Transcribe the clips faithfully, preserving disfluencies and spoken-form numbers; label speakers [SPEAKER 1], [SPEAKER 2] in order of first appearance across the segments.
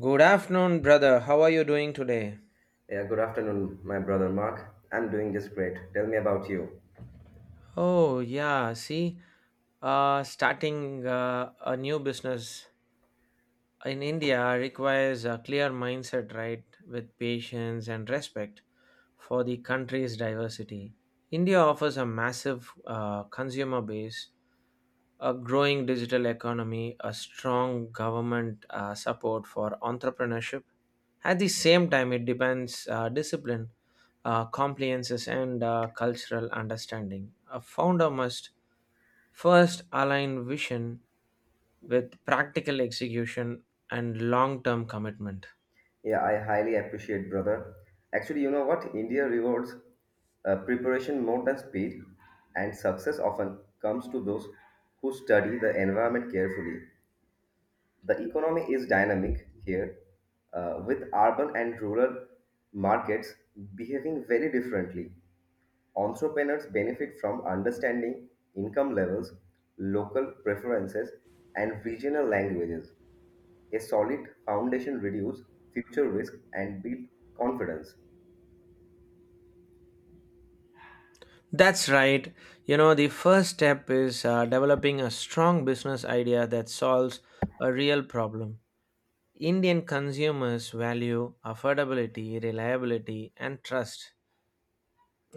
[SPEAKER 1] Good afternoon, brother. How are you doing today?
[SPEAKER 2] Yeah, good afternoon, my brother Mark. I'm doing just great. Tell me about you.
[SPEAKER 1] Oh, yeah. See, uh, starting uh, a new business in India requires a clear mindset, right? With patience and respect for the country's diversity. India offers a massive uh, consumer base, a growing digital economy, a strong government uh, support for entrepreneurship. At the same time, it depends uh, discipline, uh, compliances, and uh, cultural understanding. A founder must first align vision with practical execution and long-term commitment.
[SPEAKER 2] Yeah, I highly appreciate, brother. Actually, you know what? India rewards uh, preparation more than speed, and success often comes to those who study the environment carefully. The economy is dynamic here, uh, with urban and rural markets behaving very differently. Entrepreneurs benefit from understanding income levels, local preferences, and regional languages. A solid foundation reduces future risk and build confidence.
[SPEAKER 1] That's right. You know, the first step is uh, developing a strong business idea that solves a real problem. Indian consumers value affordability, reliability, and trust.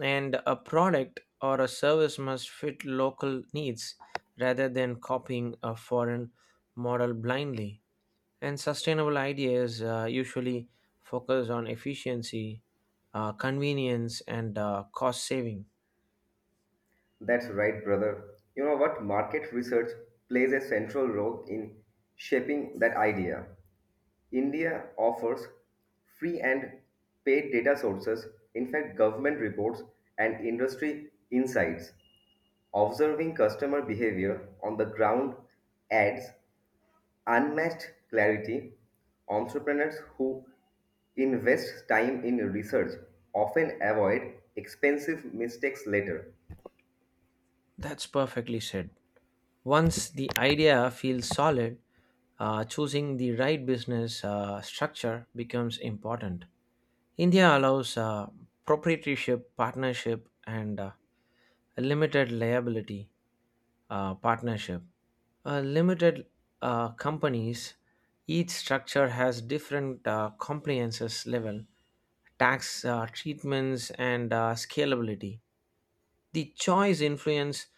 [SPEAKER 1] And a product or a service must fit local needs rather than copying a foreign model blindly. And sustainable ideas uh, usually focus on efficiency, uh, convenience, and uh, cost saving.
[SPEAKER 2] That's right, brother. You know what? Market research plays a central role in shaping that idea. India offers free and paid data sources, in fact, government reports and industry insights. Observing customer behavior on the ground adds unmatched clarity, entrepreneurs who invest time in research often avoid expensive mistakes later.
[SPEAKER 1] That's perfectly said. Once the idea feels solid, uh, choosing the right business uh, structure becomes important. India allows uh, proprietorship, partnership, and uh, limited liability uh, partnership. Uh, limited uh, companies, each structure has different uh, compliances level, tax uh, treatments, and uh, scalability. The choice influence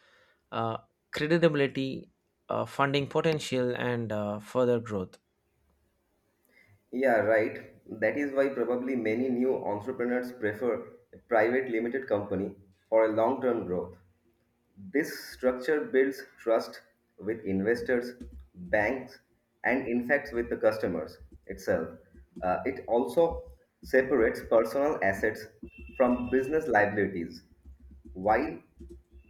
[SPEAKER 1] uh, credibility, uh, funding potential, and uh, further growth.
[SPEAKER 2] Yeah, right. That is why probably many new entrepreneurs prefer a private limited company for a long term growth. This structure builds trust with investors, banks, and in fact with the customers itself. Uh, it also separates personal assets from business liabilities. While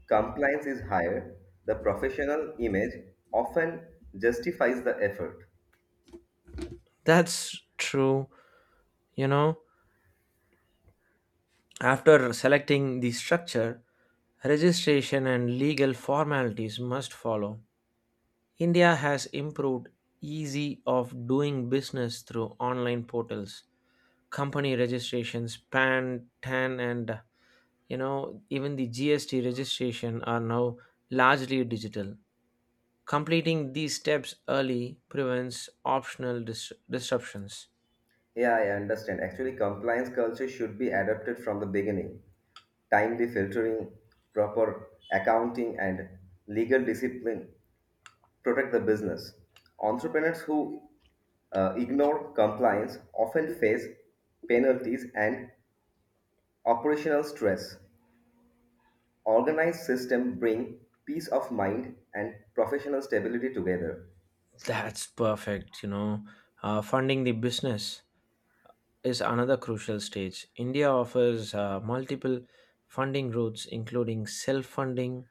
[SPEAKER 2] compliance is higher, the professional image often justifies the effort.
[SPEAKER 1] That's true. You know, after selecting the structure, registration and legal formalities must follow. India has improved easy of doing business through online portals, company registrations, P A N, T A N, and you know even the G S T registration are now largely digital. Completing these steps early prevents optional dis- disruptions.
[SPEAKER 2] Yeah, I understand. Actually, compliance culture should be adopted from the beginning. Timely filtering, proper accounting, and legal discipline protect the business. Entrepreneurs who uh, ignore compliance often face penalties and operational stress. Organized system bring peace of mind and professional stability together.
[SPEAKER 1] That's perfect. You know, uh, funding the business is another crucial stage. India offers uh, multiple funding routes, including self funding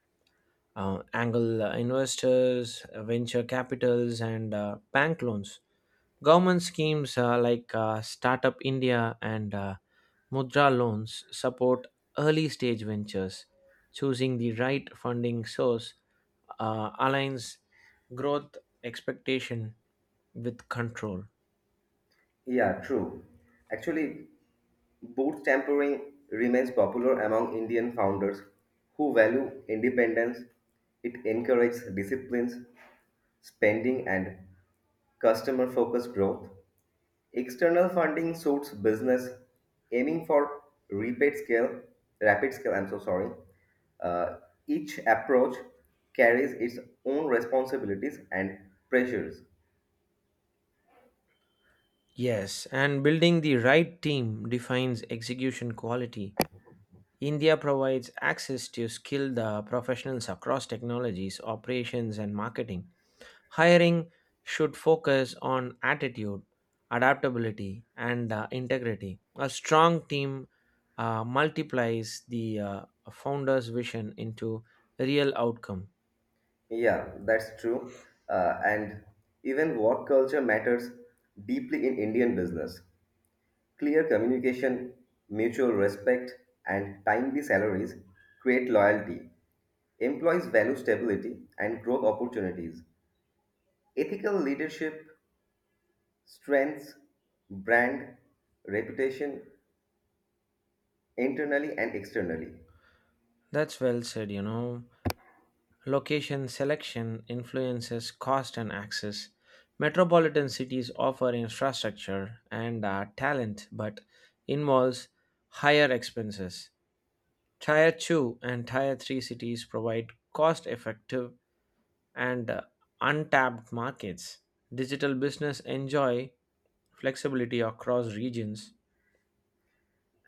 [SPEAKER 1] uh, angle uh, investors, uh, venture capitals, and uh, bank loans. Government schemes uh, like uh, Startup India and uh, Mudra loans support early stage ventures. Choosing the right funding source uh, aligns growth expectation with control.
[SPEAKER 2] Yeah, true. Actually, boot tampering remains popular among Indian founders who value independence. It encourages disciplines, spending, and customer focused growth. External funding suits business aiming for rapid scale, rapid scale, I'm so sorry. Uh, each approach carries its own responsibilities and pressures.
[SPEAKER 1] Yes, and building the right team defines execution quality. India provides access to skilled uh, professionals across technologies, operations, and marketing. Hiring should focus on attitude, adaptability, and uh, integrity. A strong team uh, multiplies the uh, founder's vision into real outcome.
[SPEAKER 2] Yeah, that's true. Uh, and even work culture matters deeply in Indian business. Clear communication, mutual respect, and timely salaries create loyalty. Employees value stability and growth opportunities. Ethical leadership Strengths, brand, reputation, internally and externally.
[SPEAKER 1] That's well said, you know. Location selection influences cost and access. Metropolitan cities offer infrastructure and uh, talent but involves higher expenses. Tier two and Tier three cities provide cost effective and uh, untapped markets. Digital business enjoy flexibility across regions,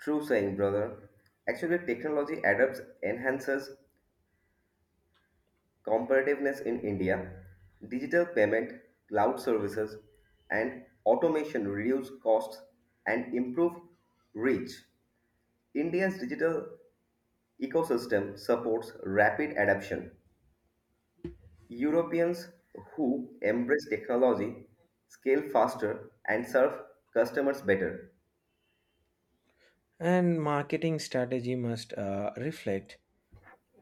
[SPEAKER 2] True saying, brother. Actually, technology adapts, enhances competitiveness in India. Digital payment, cloud services, and automation reduce costs and improve reach. India's digital ecosystem supports rapid adoption. Europeans who embrace technology scale faster and serve customers better.
[SPEAKER 1] and marketing strategy must uh, reflect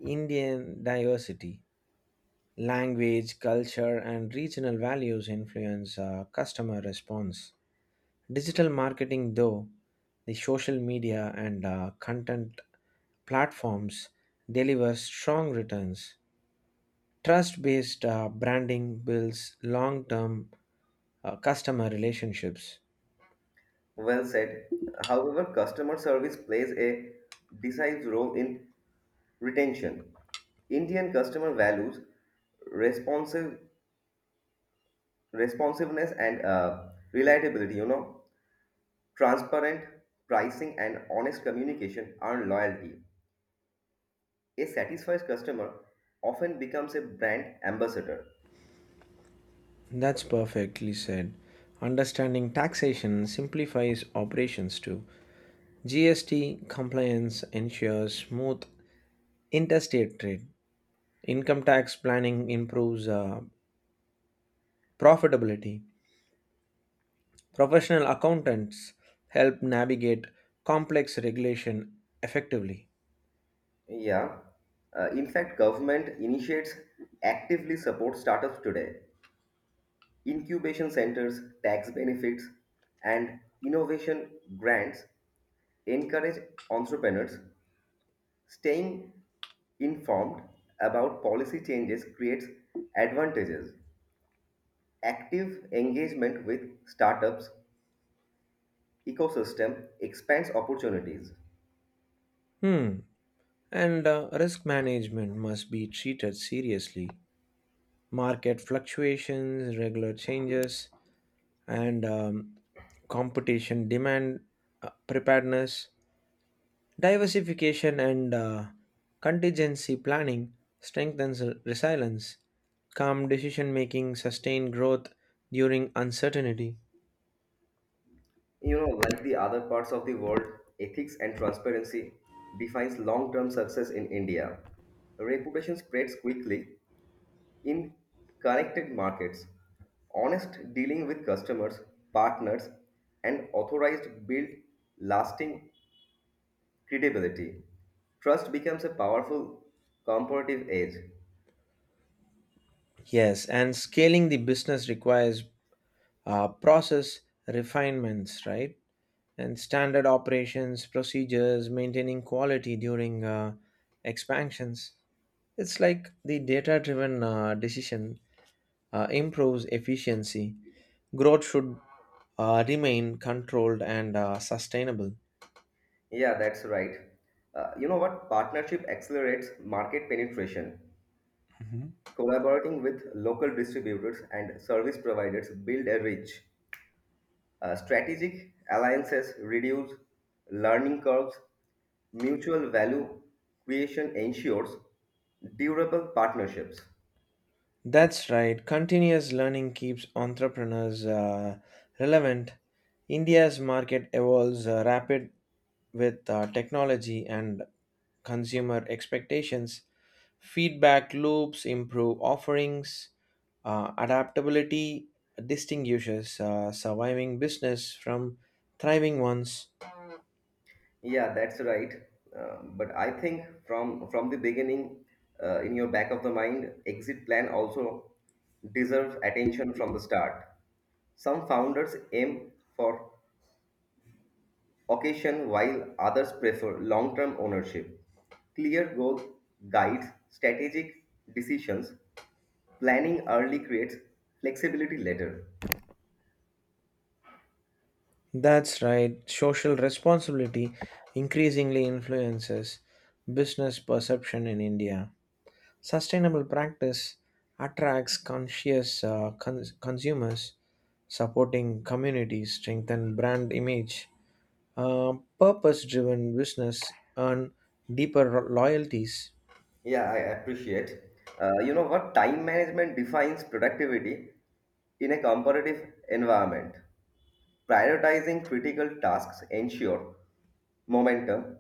[SPEAKER 1] Indian diversity. Language, culture, and regional values influence uh, customer response. Digital marketing, though, the social media and uh, content platforms deliver strong returns. Trust based uh, branding builds long term customer relationships.
[SPEAKER 2] Well said. However, customer service plays a decisive role in retention. Indian customer values responsive responsiveness and uh, reliability. You know, transparent pricing and honest communication are loyalty. A satisfied customer often becomes a brand ambassador.
[SPEAKER 1] That's perfectly said. Understanding taxation simplifies operations too. G S T compliance ensures smooth interstate trade. Income tax planning improves uh, profitability. Professional accountants help navigate complex regulation effectively.
[SPEAKER 2] Yeah. Uh, in fact, government initiates actively support startups today. Incubation centers, tax benefits, and innovation grants encourage entrepreneurs. Staying informed about policy changes creates advantages. Active engagement with startups ecosystem expands opportunities.
[SPEAKER 1] Hmm. And uh, risk management must be treated seriously. Market fluctuations, regular changes, and um, competition demand uh, preparedness. Diversification and uh, contingency planning strengthens resilience, calm decision making, sustained growth during uncertainty.
[SPEAKER 2] You know, like the other parts of the world, ethics and transparency defines long-term success in India. Reputation spreads quickly in connected markets, honest dealing with customers, partners, and authorized build lasting credibility. Trust becomes a powerful comparative edge.
[SPEAKER 1] Yes, and scaling the business requires uh, process refinements, right? And standard operations, procedures, maintaining quality during uh, expansions. It's like the data driven uh, decision uh, improves efficiency. Growth should uh, remain controlled and uh, sustainable.
[SPEAKER 2] Yeah, that's right. Uh, you know what? Partnership accelerates market penetration. Collaborating with local distributors and service providers build a reach. Uh, strategic alliances reduce learning curves. Mutual value creation ensures durable partnerships.
[SPEAKER 1] That's right, continuous learning keeps entrepreneurs uh, relevant. India's market evolves uh, rapid with uh, technology and consumer expectations. Feedback loops improve offerings, uh, adaptability distinguishes uh, surviving business from thriving ones.
[SPEAKER 2] Yeah, that's right. Uh, but I think from from the beginning, uh, in your back of the mind, exit plan also deserves attention from the start. Some founders aim for occasion while others prefer long-term ownership. Clear goal guides strategic decisions planning early creates flexibility later.
[SPEAKER 1] That's right. Social responsibility increasingly influences business perception in India. Sustainable practice attracts conscious uh, cons- consumers, supporting communities, strengthen brand image. Uh, purpose-driven business earn deeper ro- loyalties.
[SPEAKER 2] Yeah, I appreciate. Uh, you know what? Time management defines productivity in a competitive environment. Prioritizing critical tasks ensure momentum,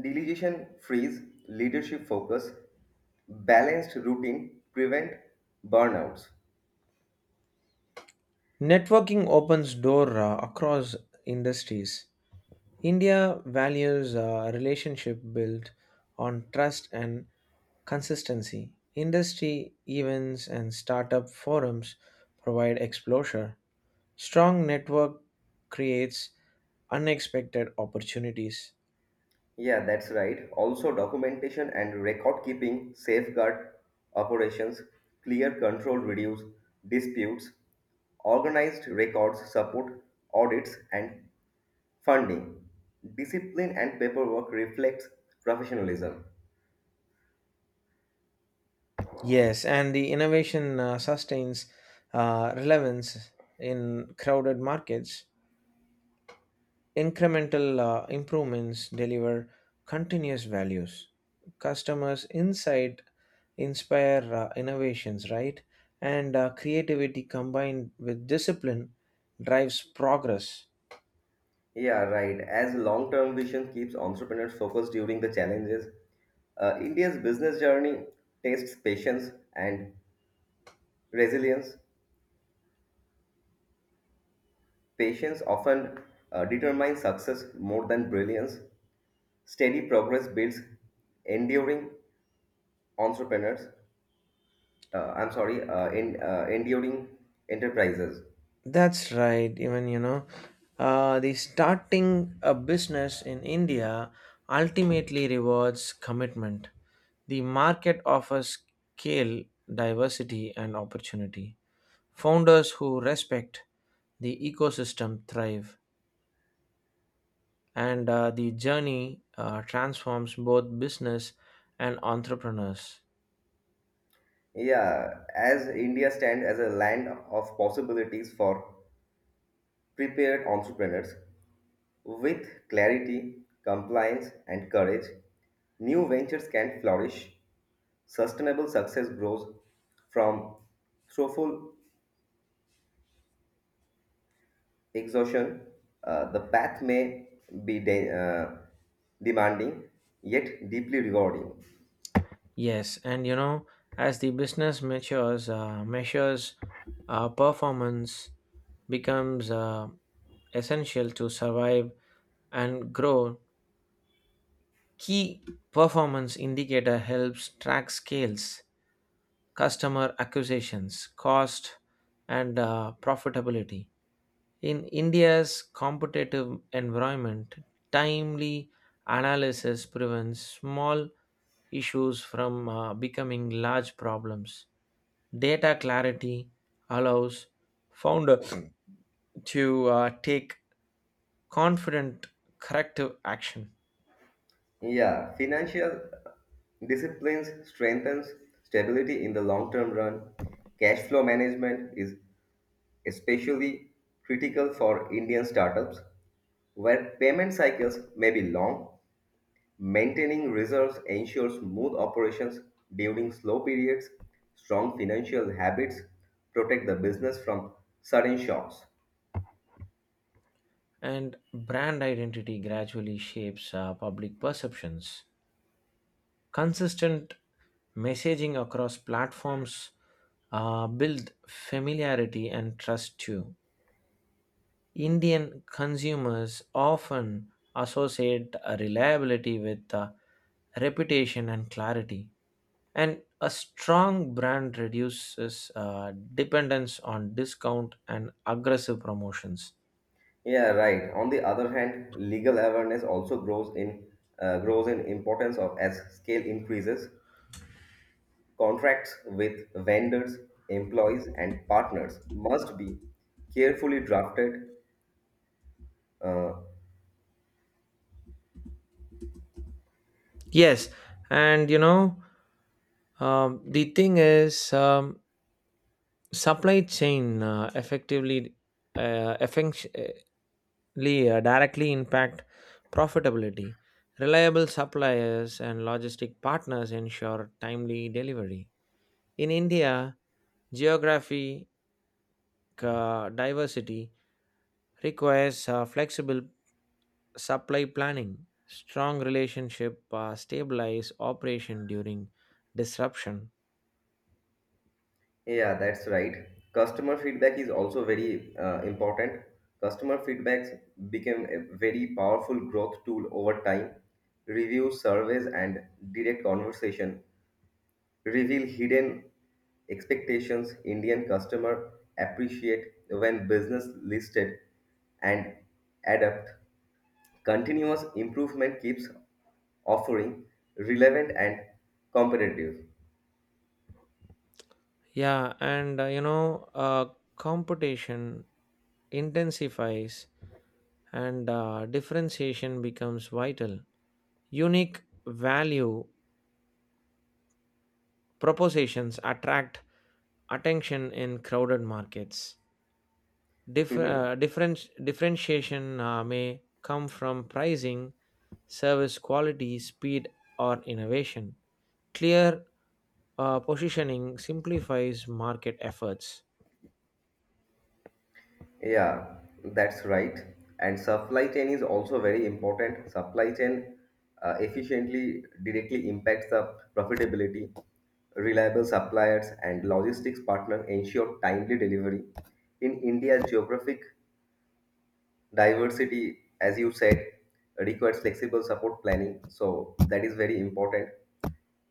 [SPEAKER 2] delegation frees leadership focus, balanced routine prevent burnouts.
[SPEAKER 1] Networking opens door uh, across industries. India values uh, relationship built on trust and consistency. Industry events and startup forums provide exposure. Strong network creates unexpected opportunities.
[SPEAKER 2] Yeah, that's right. Also, documentation and record keeping, safeguard operations, clear control reduce disputes, organized records support audits and funding. Discipline and paperwork reflects professionalism.
[SPEAKER 1] Yes, and the innovation uh, sustains uh, relevance in crowded markets. Incremental uh, improvements deliver continuous values. Customers' insight inspire uh, innovations, right? And uh, creativity combined with discipline drives progress.
[SPEAKER 2] Yeah, right. As long-term vision keeps entrepreneurs focused during the challenges, uh, India's business journey tests patience and resilience. Patience often uh, determines success more than brilliance. Steady progress builds enduring entrepreneurs. Uh, I'm sorry, uh, in, uh, enduring enterprises.
[SPEAKER 1] That's right. Even you know, uh, the starting a business in India ultimately rewards commitment. The market offers scale, diversity, and opportunity. Founders who respect the ecosystem thrive, and uh, the journey uh, transforms both business and entrepreneurs.
[SPEAKER 2] Yeah, as India stands as a land of possibilities for prepared entrepreneurs, with clarity, compliance, and courage, new ventures can flourish. Sustainable success grows from thoughtful exhaustion, uh, the path may be de- uh, demanding yet deeply rewarding.
[SPEAKER 1] Yes, and you know, as the business matures, uh, measures uh, performance becomes uh, essential to survive and grow. Key performance indicator helps track scales, customer acquisitions, cost, and uh, profitability. In India's competitive environment, timely analysis prevents small issues from uh, becoming large problems. Data clarity allows founder to uh, take confident corrective action,
[SPEAKER 2] Yeah, financial disciplines strengthens stability in the long term run. Cash flow management is especially critical for Indian startups where payment cycles may be long. Maintaining reserves ensures smooth operations during slow periods. Strong financial habits protect the business from sudden shocks.
[SPEAKER 1] and brand identity gradually shapes uh, public perceptions. Consistent messaging across platforms uh, build familiarity and trust too. Indian consumers often associate uh, reliability with uh, reputation and clarity, and a strong brand reduces uh, dependence on discount and aggressive promotions.
[SPEAKER 2] Yeah, right. On the other hand, legal awareness also grows in uh, grows in importance of as scale increases. Contracts with vendors, employees, and partners must be carefully drafted. Uh,
[SPEAKER 1] Yes, and you know, um, the thing is, um, supply chain uh, effectively uh, effic- li- uh, directly impact profitability. Reliable suppliers and logistic partners ensure timely delivery. In India, geographic uh, diversity requires uh, flexible supply planning. Strong relationship uh, stabilize operation during disruption.
[SPEAKER 2] Yeah, that's right. Customer feedback is also very uh, important. Customer feedbacks became a very powerful growth tool over time. Reviews, surveys, and direct conversation reveal hidden expectations Indian customer appreciate when business listed and adapt. Continuous improvement keeps offering relevant and competitive.
[SPEAKER 1] Yeah, and uh, you know, uh, competition intensifies and uh, differentiation becomes vital. Unique value propositions attract attention in crowded markets. Dif- uh,
[SPEAKER 2] Mhm.
[SPEAKER 1] different- differentiation uh, may come from pricing, service quality, speed, or innovation. Clear uh, positioning simplifies market efforts.
[SPEAKER 2] Yeah, that's right. And supply chain is also very important. Supply chain uh, efficiently directly impacts the profitability. Reliable suppliers and logistics partners ensure timely delivery. In India, geographic diversity, as you said, requires flexible support planning. So that is very important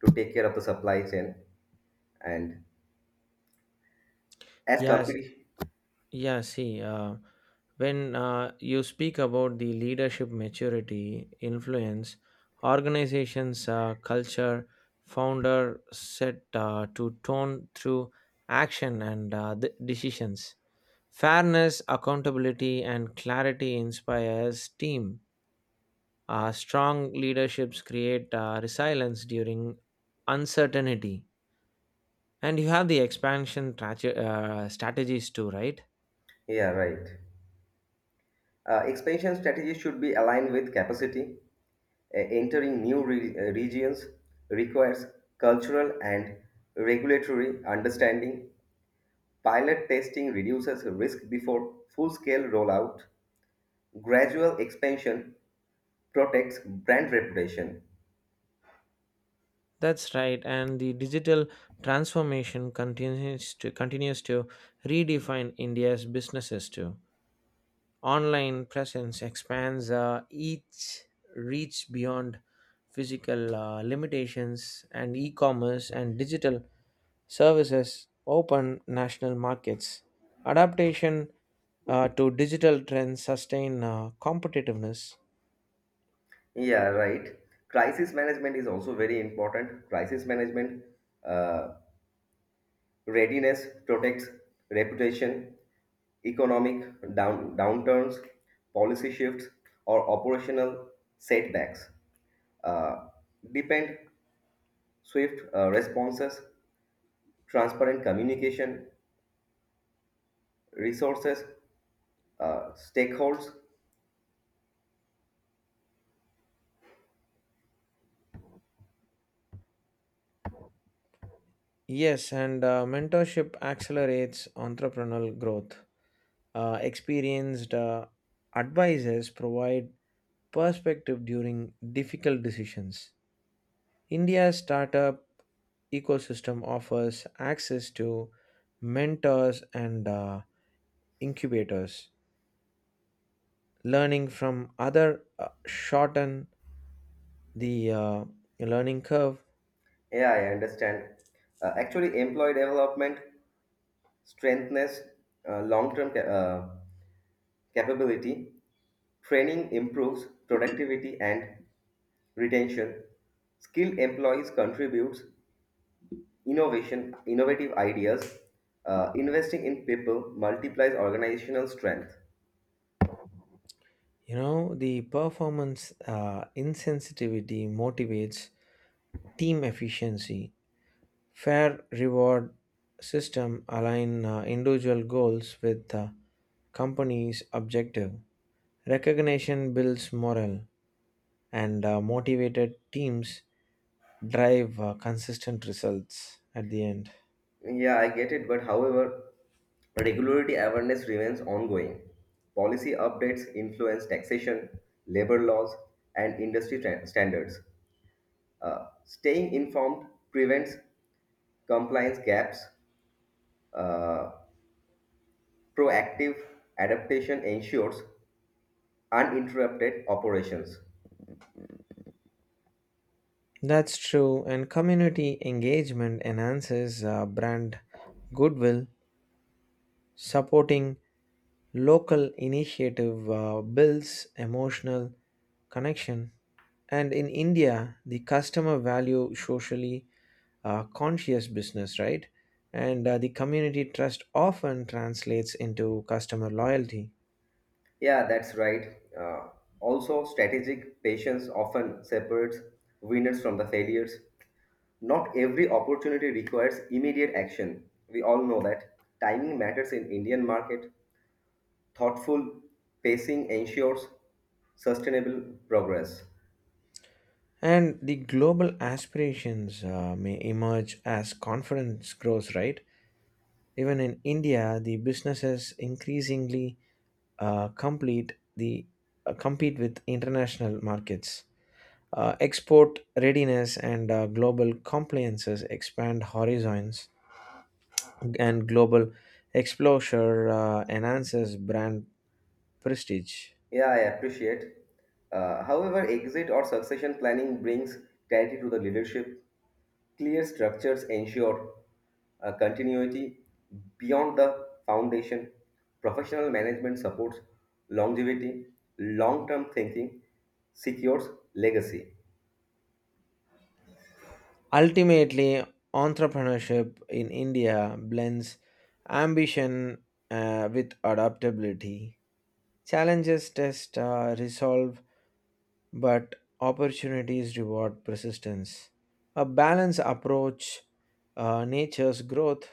[SPEAKER 2] to take care of the supply chain. And as
[SPEAKER 1] Yes,
[SPEAKER 2] competition,
[SPEAKER 1] Yeah, see, uh, when uh, you speak about the leadership maturity, influence, organizations, uh, culture, founder set uh, to tone through action and uh, the decisions. Fairness, accountability, and clarity inspires team. Uh, strong leaderships create uh, resilience during uncertainty. And you have the expansion traje- uh, strategies too, right?
[SPEAKER 2] yeah, right. Uh, expansion strategy should be aligned with capacity. Uh, entering new re- uh, regions requires cultural and regulatory understanding. Pilot testing reduces risk before full scale rollout. Gradual expansion protects brand reputation.
[SPEAKER 1] That's right, and the digital transformation continues to continues to redefine India's businesses too. Online presence expands uh, each reach beyond physical uh, limitations, and e-commerce and digital services open national markets. Adaptation uh, to digital trends sustain uh, competitiveness.
[SPEAKER 2] Yeah, right. Crisis management is also very important. Crisis management uh, Readiness protects reputation, economic down, downturns, policy shifts, or operational setbacks. Uh, depend swift uh, responses, transparent communication, resources, uh, stakeholders.
[SPEAKER 1] Yes, and uh, mentorship accelerates entrepreneurial growth. Uh, experienced uh, advisors provide perspective during difficult decisions. India's startup ecosystem offers access to mentors and uh, incubators. Learning from other uh, shorten the uh, learning curve.
[SPEAKER 2] Yeah, I understand. Uh, actually, employee development strengthens uh, long-term ca- uh, capability, training improves productivity and retention, skilled employees contributes innovation, innovative ideas, Uh, investing in people multiplies organizational strength.
[SPEAKER 1] You know, the performance uh, insensitivity motivates team efficiency. Fair reward system align uh, individual goals with uh, company's objective. Recognition builds morale and uh, motivated teams drive uh, consistent results at the end.
[SPEAKER 2] Yeah, I get it, but however, regularity awareness remains ongoing. Policy updates influence taxation, labor laws, and industry tra- standards. Uh, staying informed prevents compliance gaps. Uh, Proactive adaptation ensures uninterrupted operations.
[SPEAKER 1] That's true, and community engagement enhances uh, brand goodwill. Supporting local initiative uh, builds emotional connection, and in India, the customer value socially uh, conscious business, right? And uh, the community trust often translates into customer loyalty.
[SPEAKER 2] Yeah, that's right. Uh, also, strategic patience often separates winners from the failures. Not every opportunity requires immediate action. We all know that. Timing matters in Indian market. Thoughtful pacing ensures sustainable progress.
[SPEAKER 1] And the global aspirations uh, may emerge as confidence grows, right? Even in India, the businesses increasingly uh, complete the uh, compete with international markets. Uh, export readiness and uh, global compliances expand horizons, and global exposure uh, enhances brand prestige.
[SPEAKER 2] Yeah, I appreciate. Uh, however, exit or succession planning brings clarity to the leadership. Clear structures ensure uh, continuity beyond the foundation. Professional management supports longevity, long term thinking secures legacy.
[SPEAKER 1] Ultimately, entrepreneurship in India blends ambition uh, with adaptability. Challenges test uh, resolve, but opportunities reward persistence. A balanced approach uh, natures growth.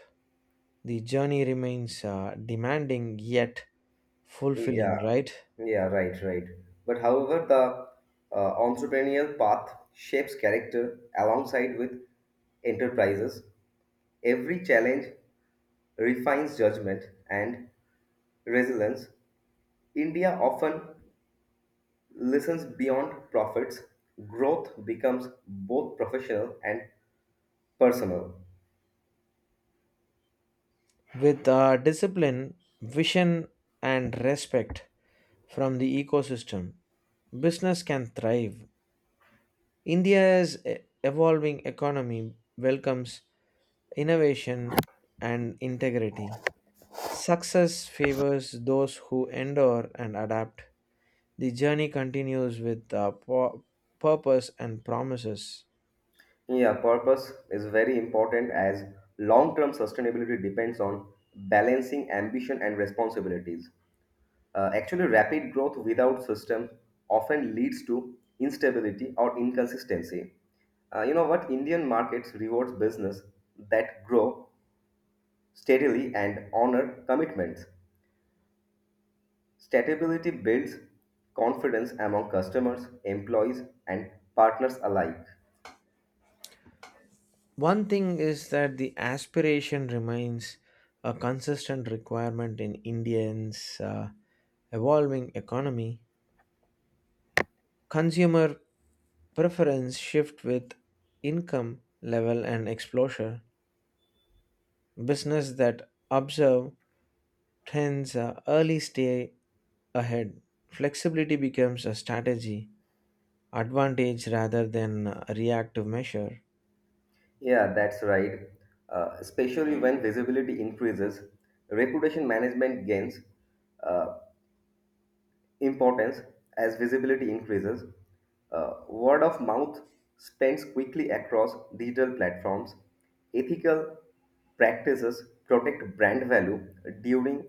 [SPEAKER 1] The journey remains uh, demanding yet fulfilling,
[SPEAKER 2] Yeah,
[SPEAKER 1] right?
[SPEAKER 2] yeah, right, right. But however, the uh, entrepreneurial path shapes character alongside with enterprises. Every challenge refines judgment, and resilience, India often listens beyond profits. Growth becomes both professional and personal.
[SPEAKER 1] With uh, discipline, vision, and respect from the ecosystem, business can thrive. India's e- evolving economy welcomes innovation and integrity. Success favors those who endure and adapt. The journey continues with uh, pu- purpose and promises.
[SPEAKER 2] Yeah, purpose is very important as long term sustainability depends on balancing ambition and responsibilities. Uh, actually, rapid growth without system often leads to instability or inconsistency. Uh, you know what? Indian markets rewards business that grow steadily and honor commitments. Stability builds confidence among customers, employees, and partners alike.
[SPEAKER 1] One thing is that the aspiration remains a consistent requirement in Indians' uh, evolving economy. Consumer preference shift with income level and exposure. Business that observe trends uh, early stay ahead. Flexibility becomes a strategy, advantage rather than a reactive measure.
[SPEAKER 2] Yeah, that's right. Uh, especially when visibility increases, reputation management gains uh, importance as visibility increases. Uh, word of mouth spreads quickly across digital platforms. Ethical practices protect brand value during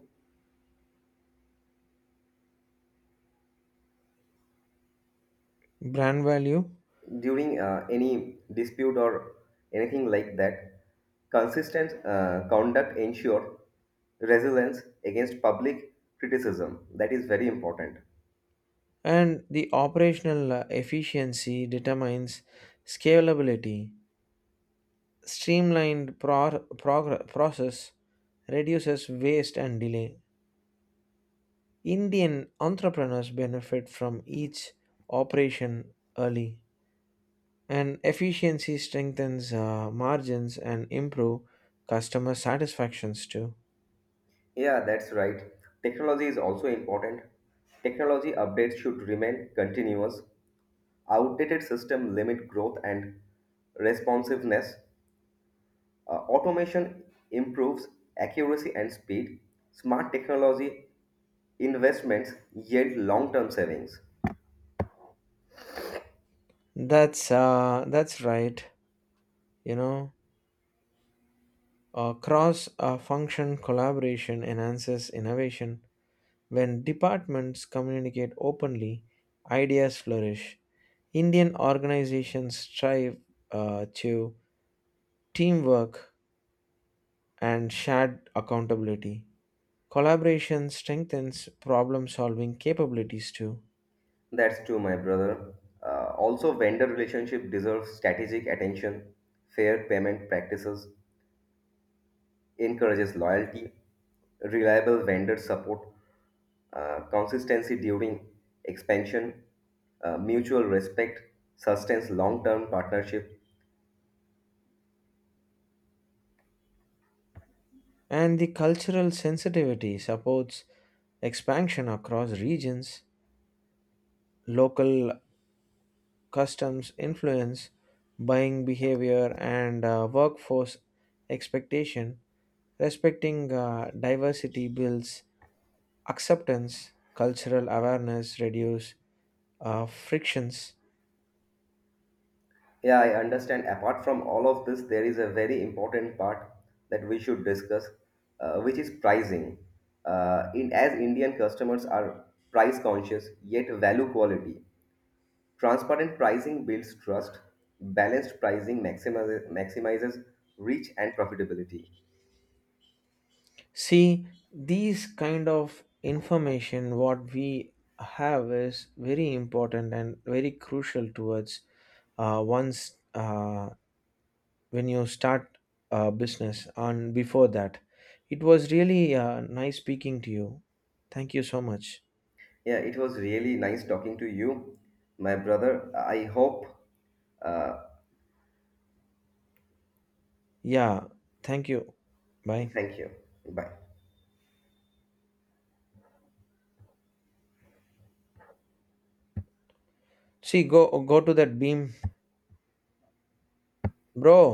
[SPEAKER 1] Brand value
[SPEAKER 2] during uh, any dispute or anything like that, consistent uh, conduct ensure resilience against public criticism. That is very important.
[SPEAKER 1] and the operational uh, efficiency determines scalability. Streamlined pro- progr- process reduces waste and delay. Indian entrepreneurs benefit from each operation early, and efficiency strengthens uh, margins and improve customer satisfactions too.
[SPEAKER 2] Yeah, that's right. Technology is also important. Technology updates should remain continuous. Outdated system limit growth and responsiveness. Uh, automation improves accuracy and speed. Smart technology investments yield long-term savings.
[SPEAKER 1] That's uh, that's right. You know, uh, cross uh, function collaboration enhances innovation. When departments communicate openly, ideas flourish. Indian organizations strive uh, to teamwork and shared accountability. Collaboration strengthens problem solving capabilities too.
[SPEAKER 2] That's true, my brother. Uh, also, vendor relationship deserves strategic attention, fair payment practices, encourages loyalty, reliable vendor support, uh, consistency during expansion, uh, mutual respect, sustains long-term partnership.
[SPEAKER 1] And the cultural sensitivity supports expansion across regions. Local customs influence buying behavior and uh, workforce expectation. Respecting uh, diversity builds acceptance, cultural awareness, reduce uh, frictions.
[SPEAKER 2] Yeah, I understand. Apart from all of this, there is a very important part that we should discuss, uh, which is pricing. Uh, in as Indian customers are price conscious yet value quality. Transparent pricing builds trust, balanced pricing maximizes, maximizes reach and profitability.
[SPEAKER 1] See, these kind of information what we have is very important and very crucial towards uh, once uh, when you start a business and before that. It was really uh, nice speaking to you. Thank you so much.
[SPEAKER 2] Yeah, it was really nice talking to you, my brother. I hope. Uh,
[SPEAKER 1] Yeah, thank you. Bye.
[SPEAKER 2] thank you. Bye.
[SPEAKER 1] See, go go to that beam, bro.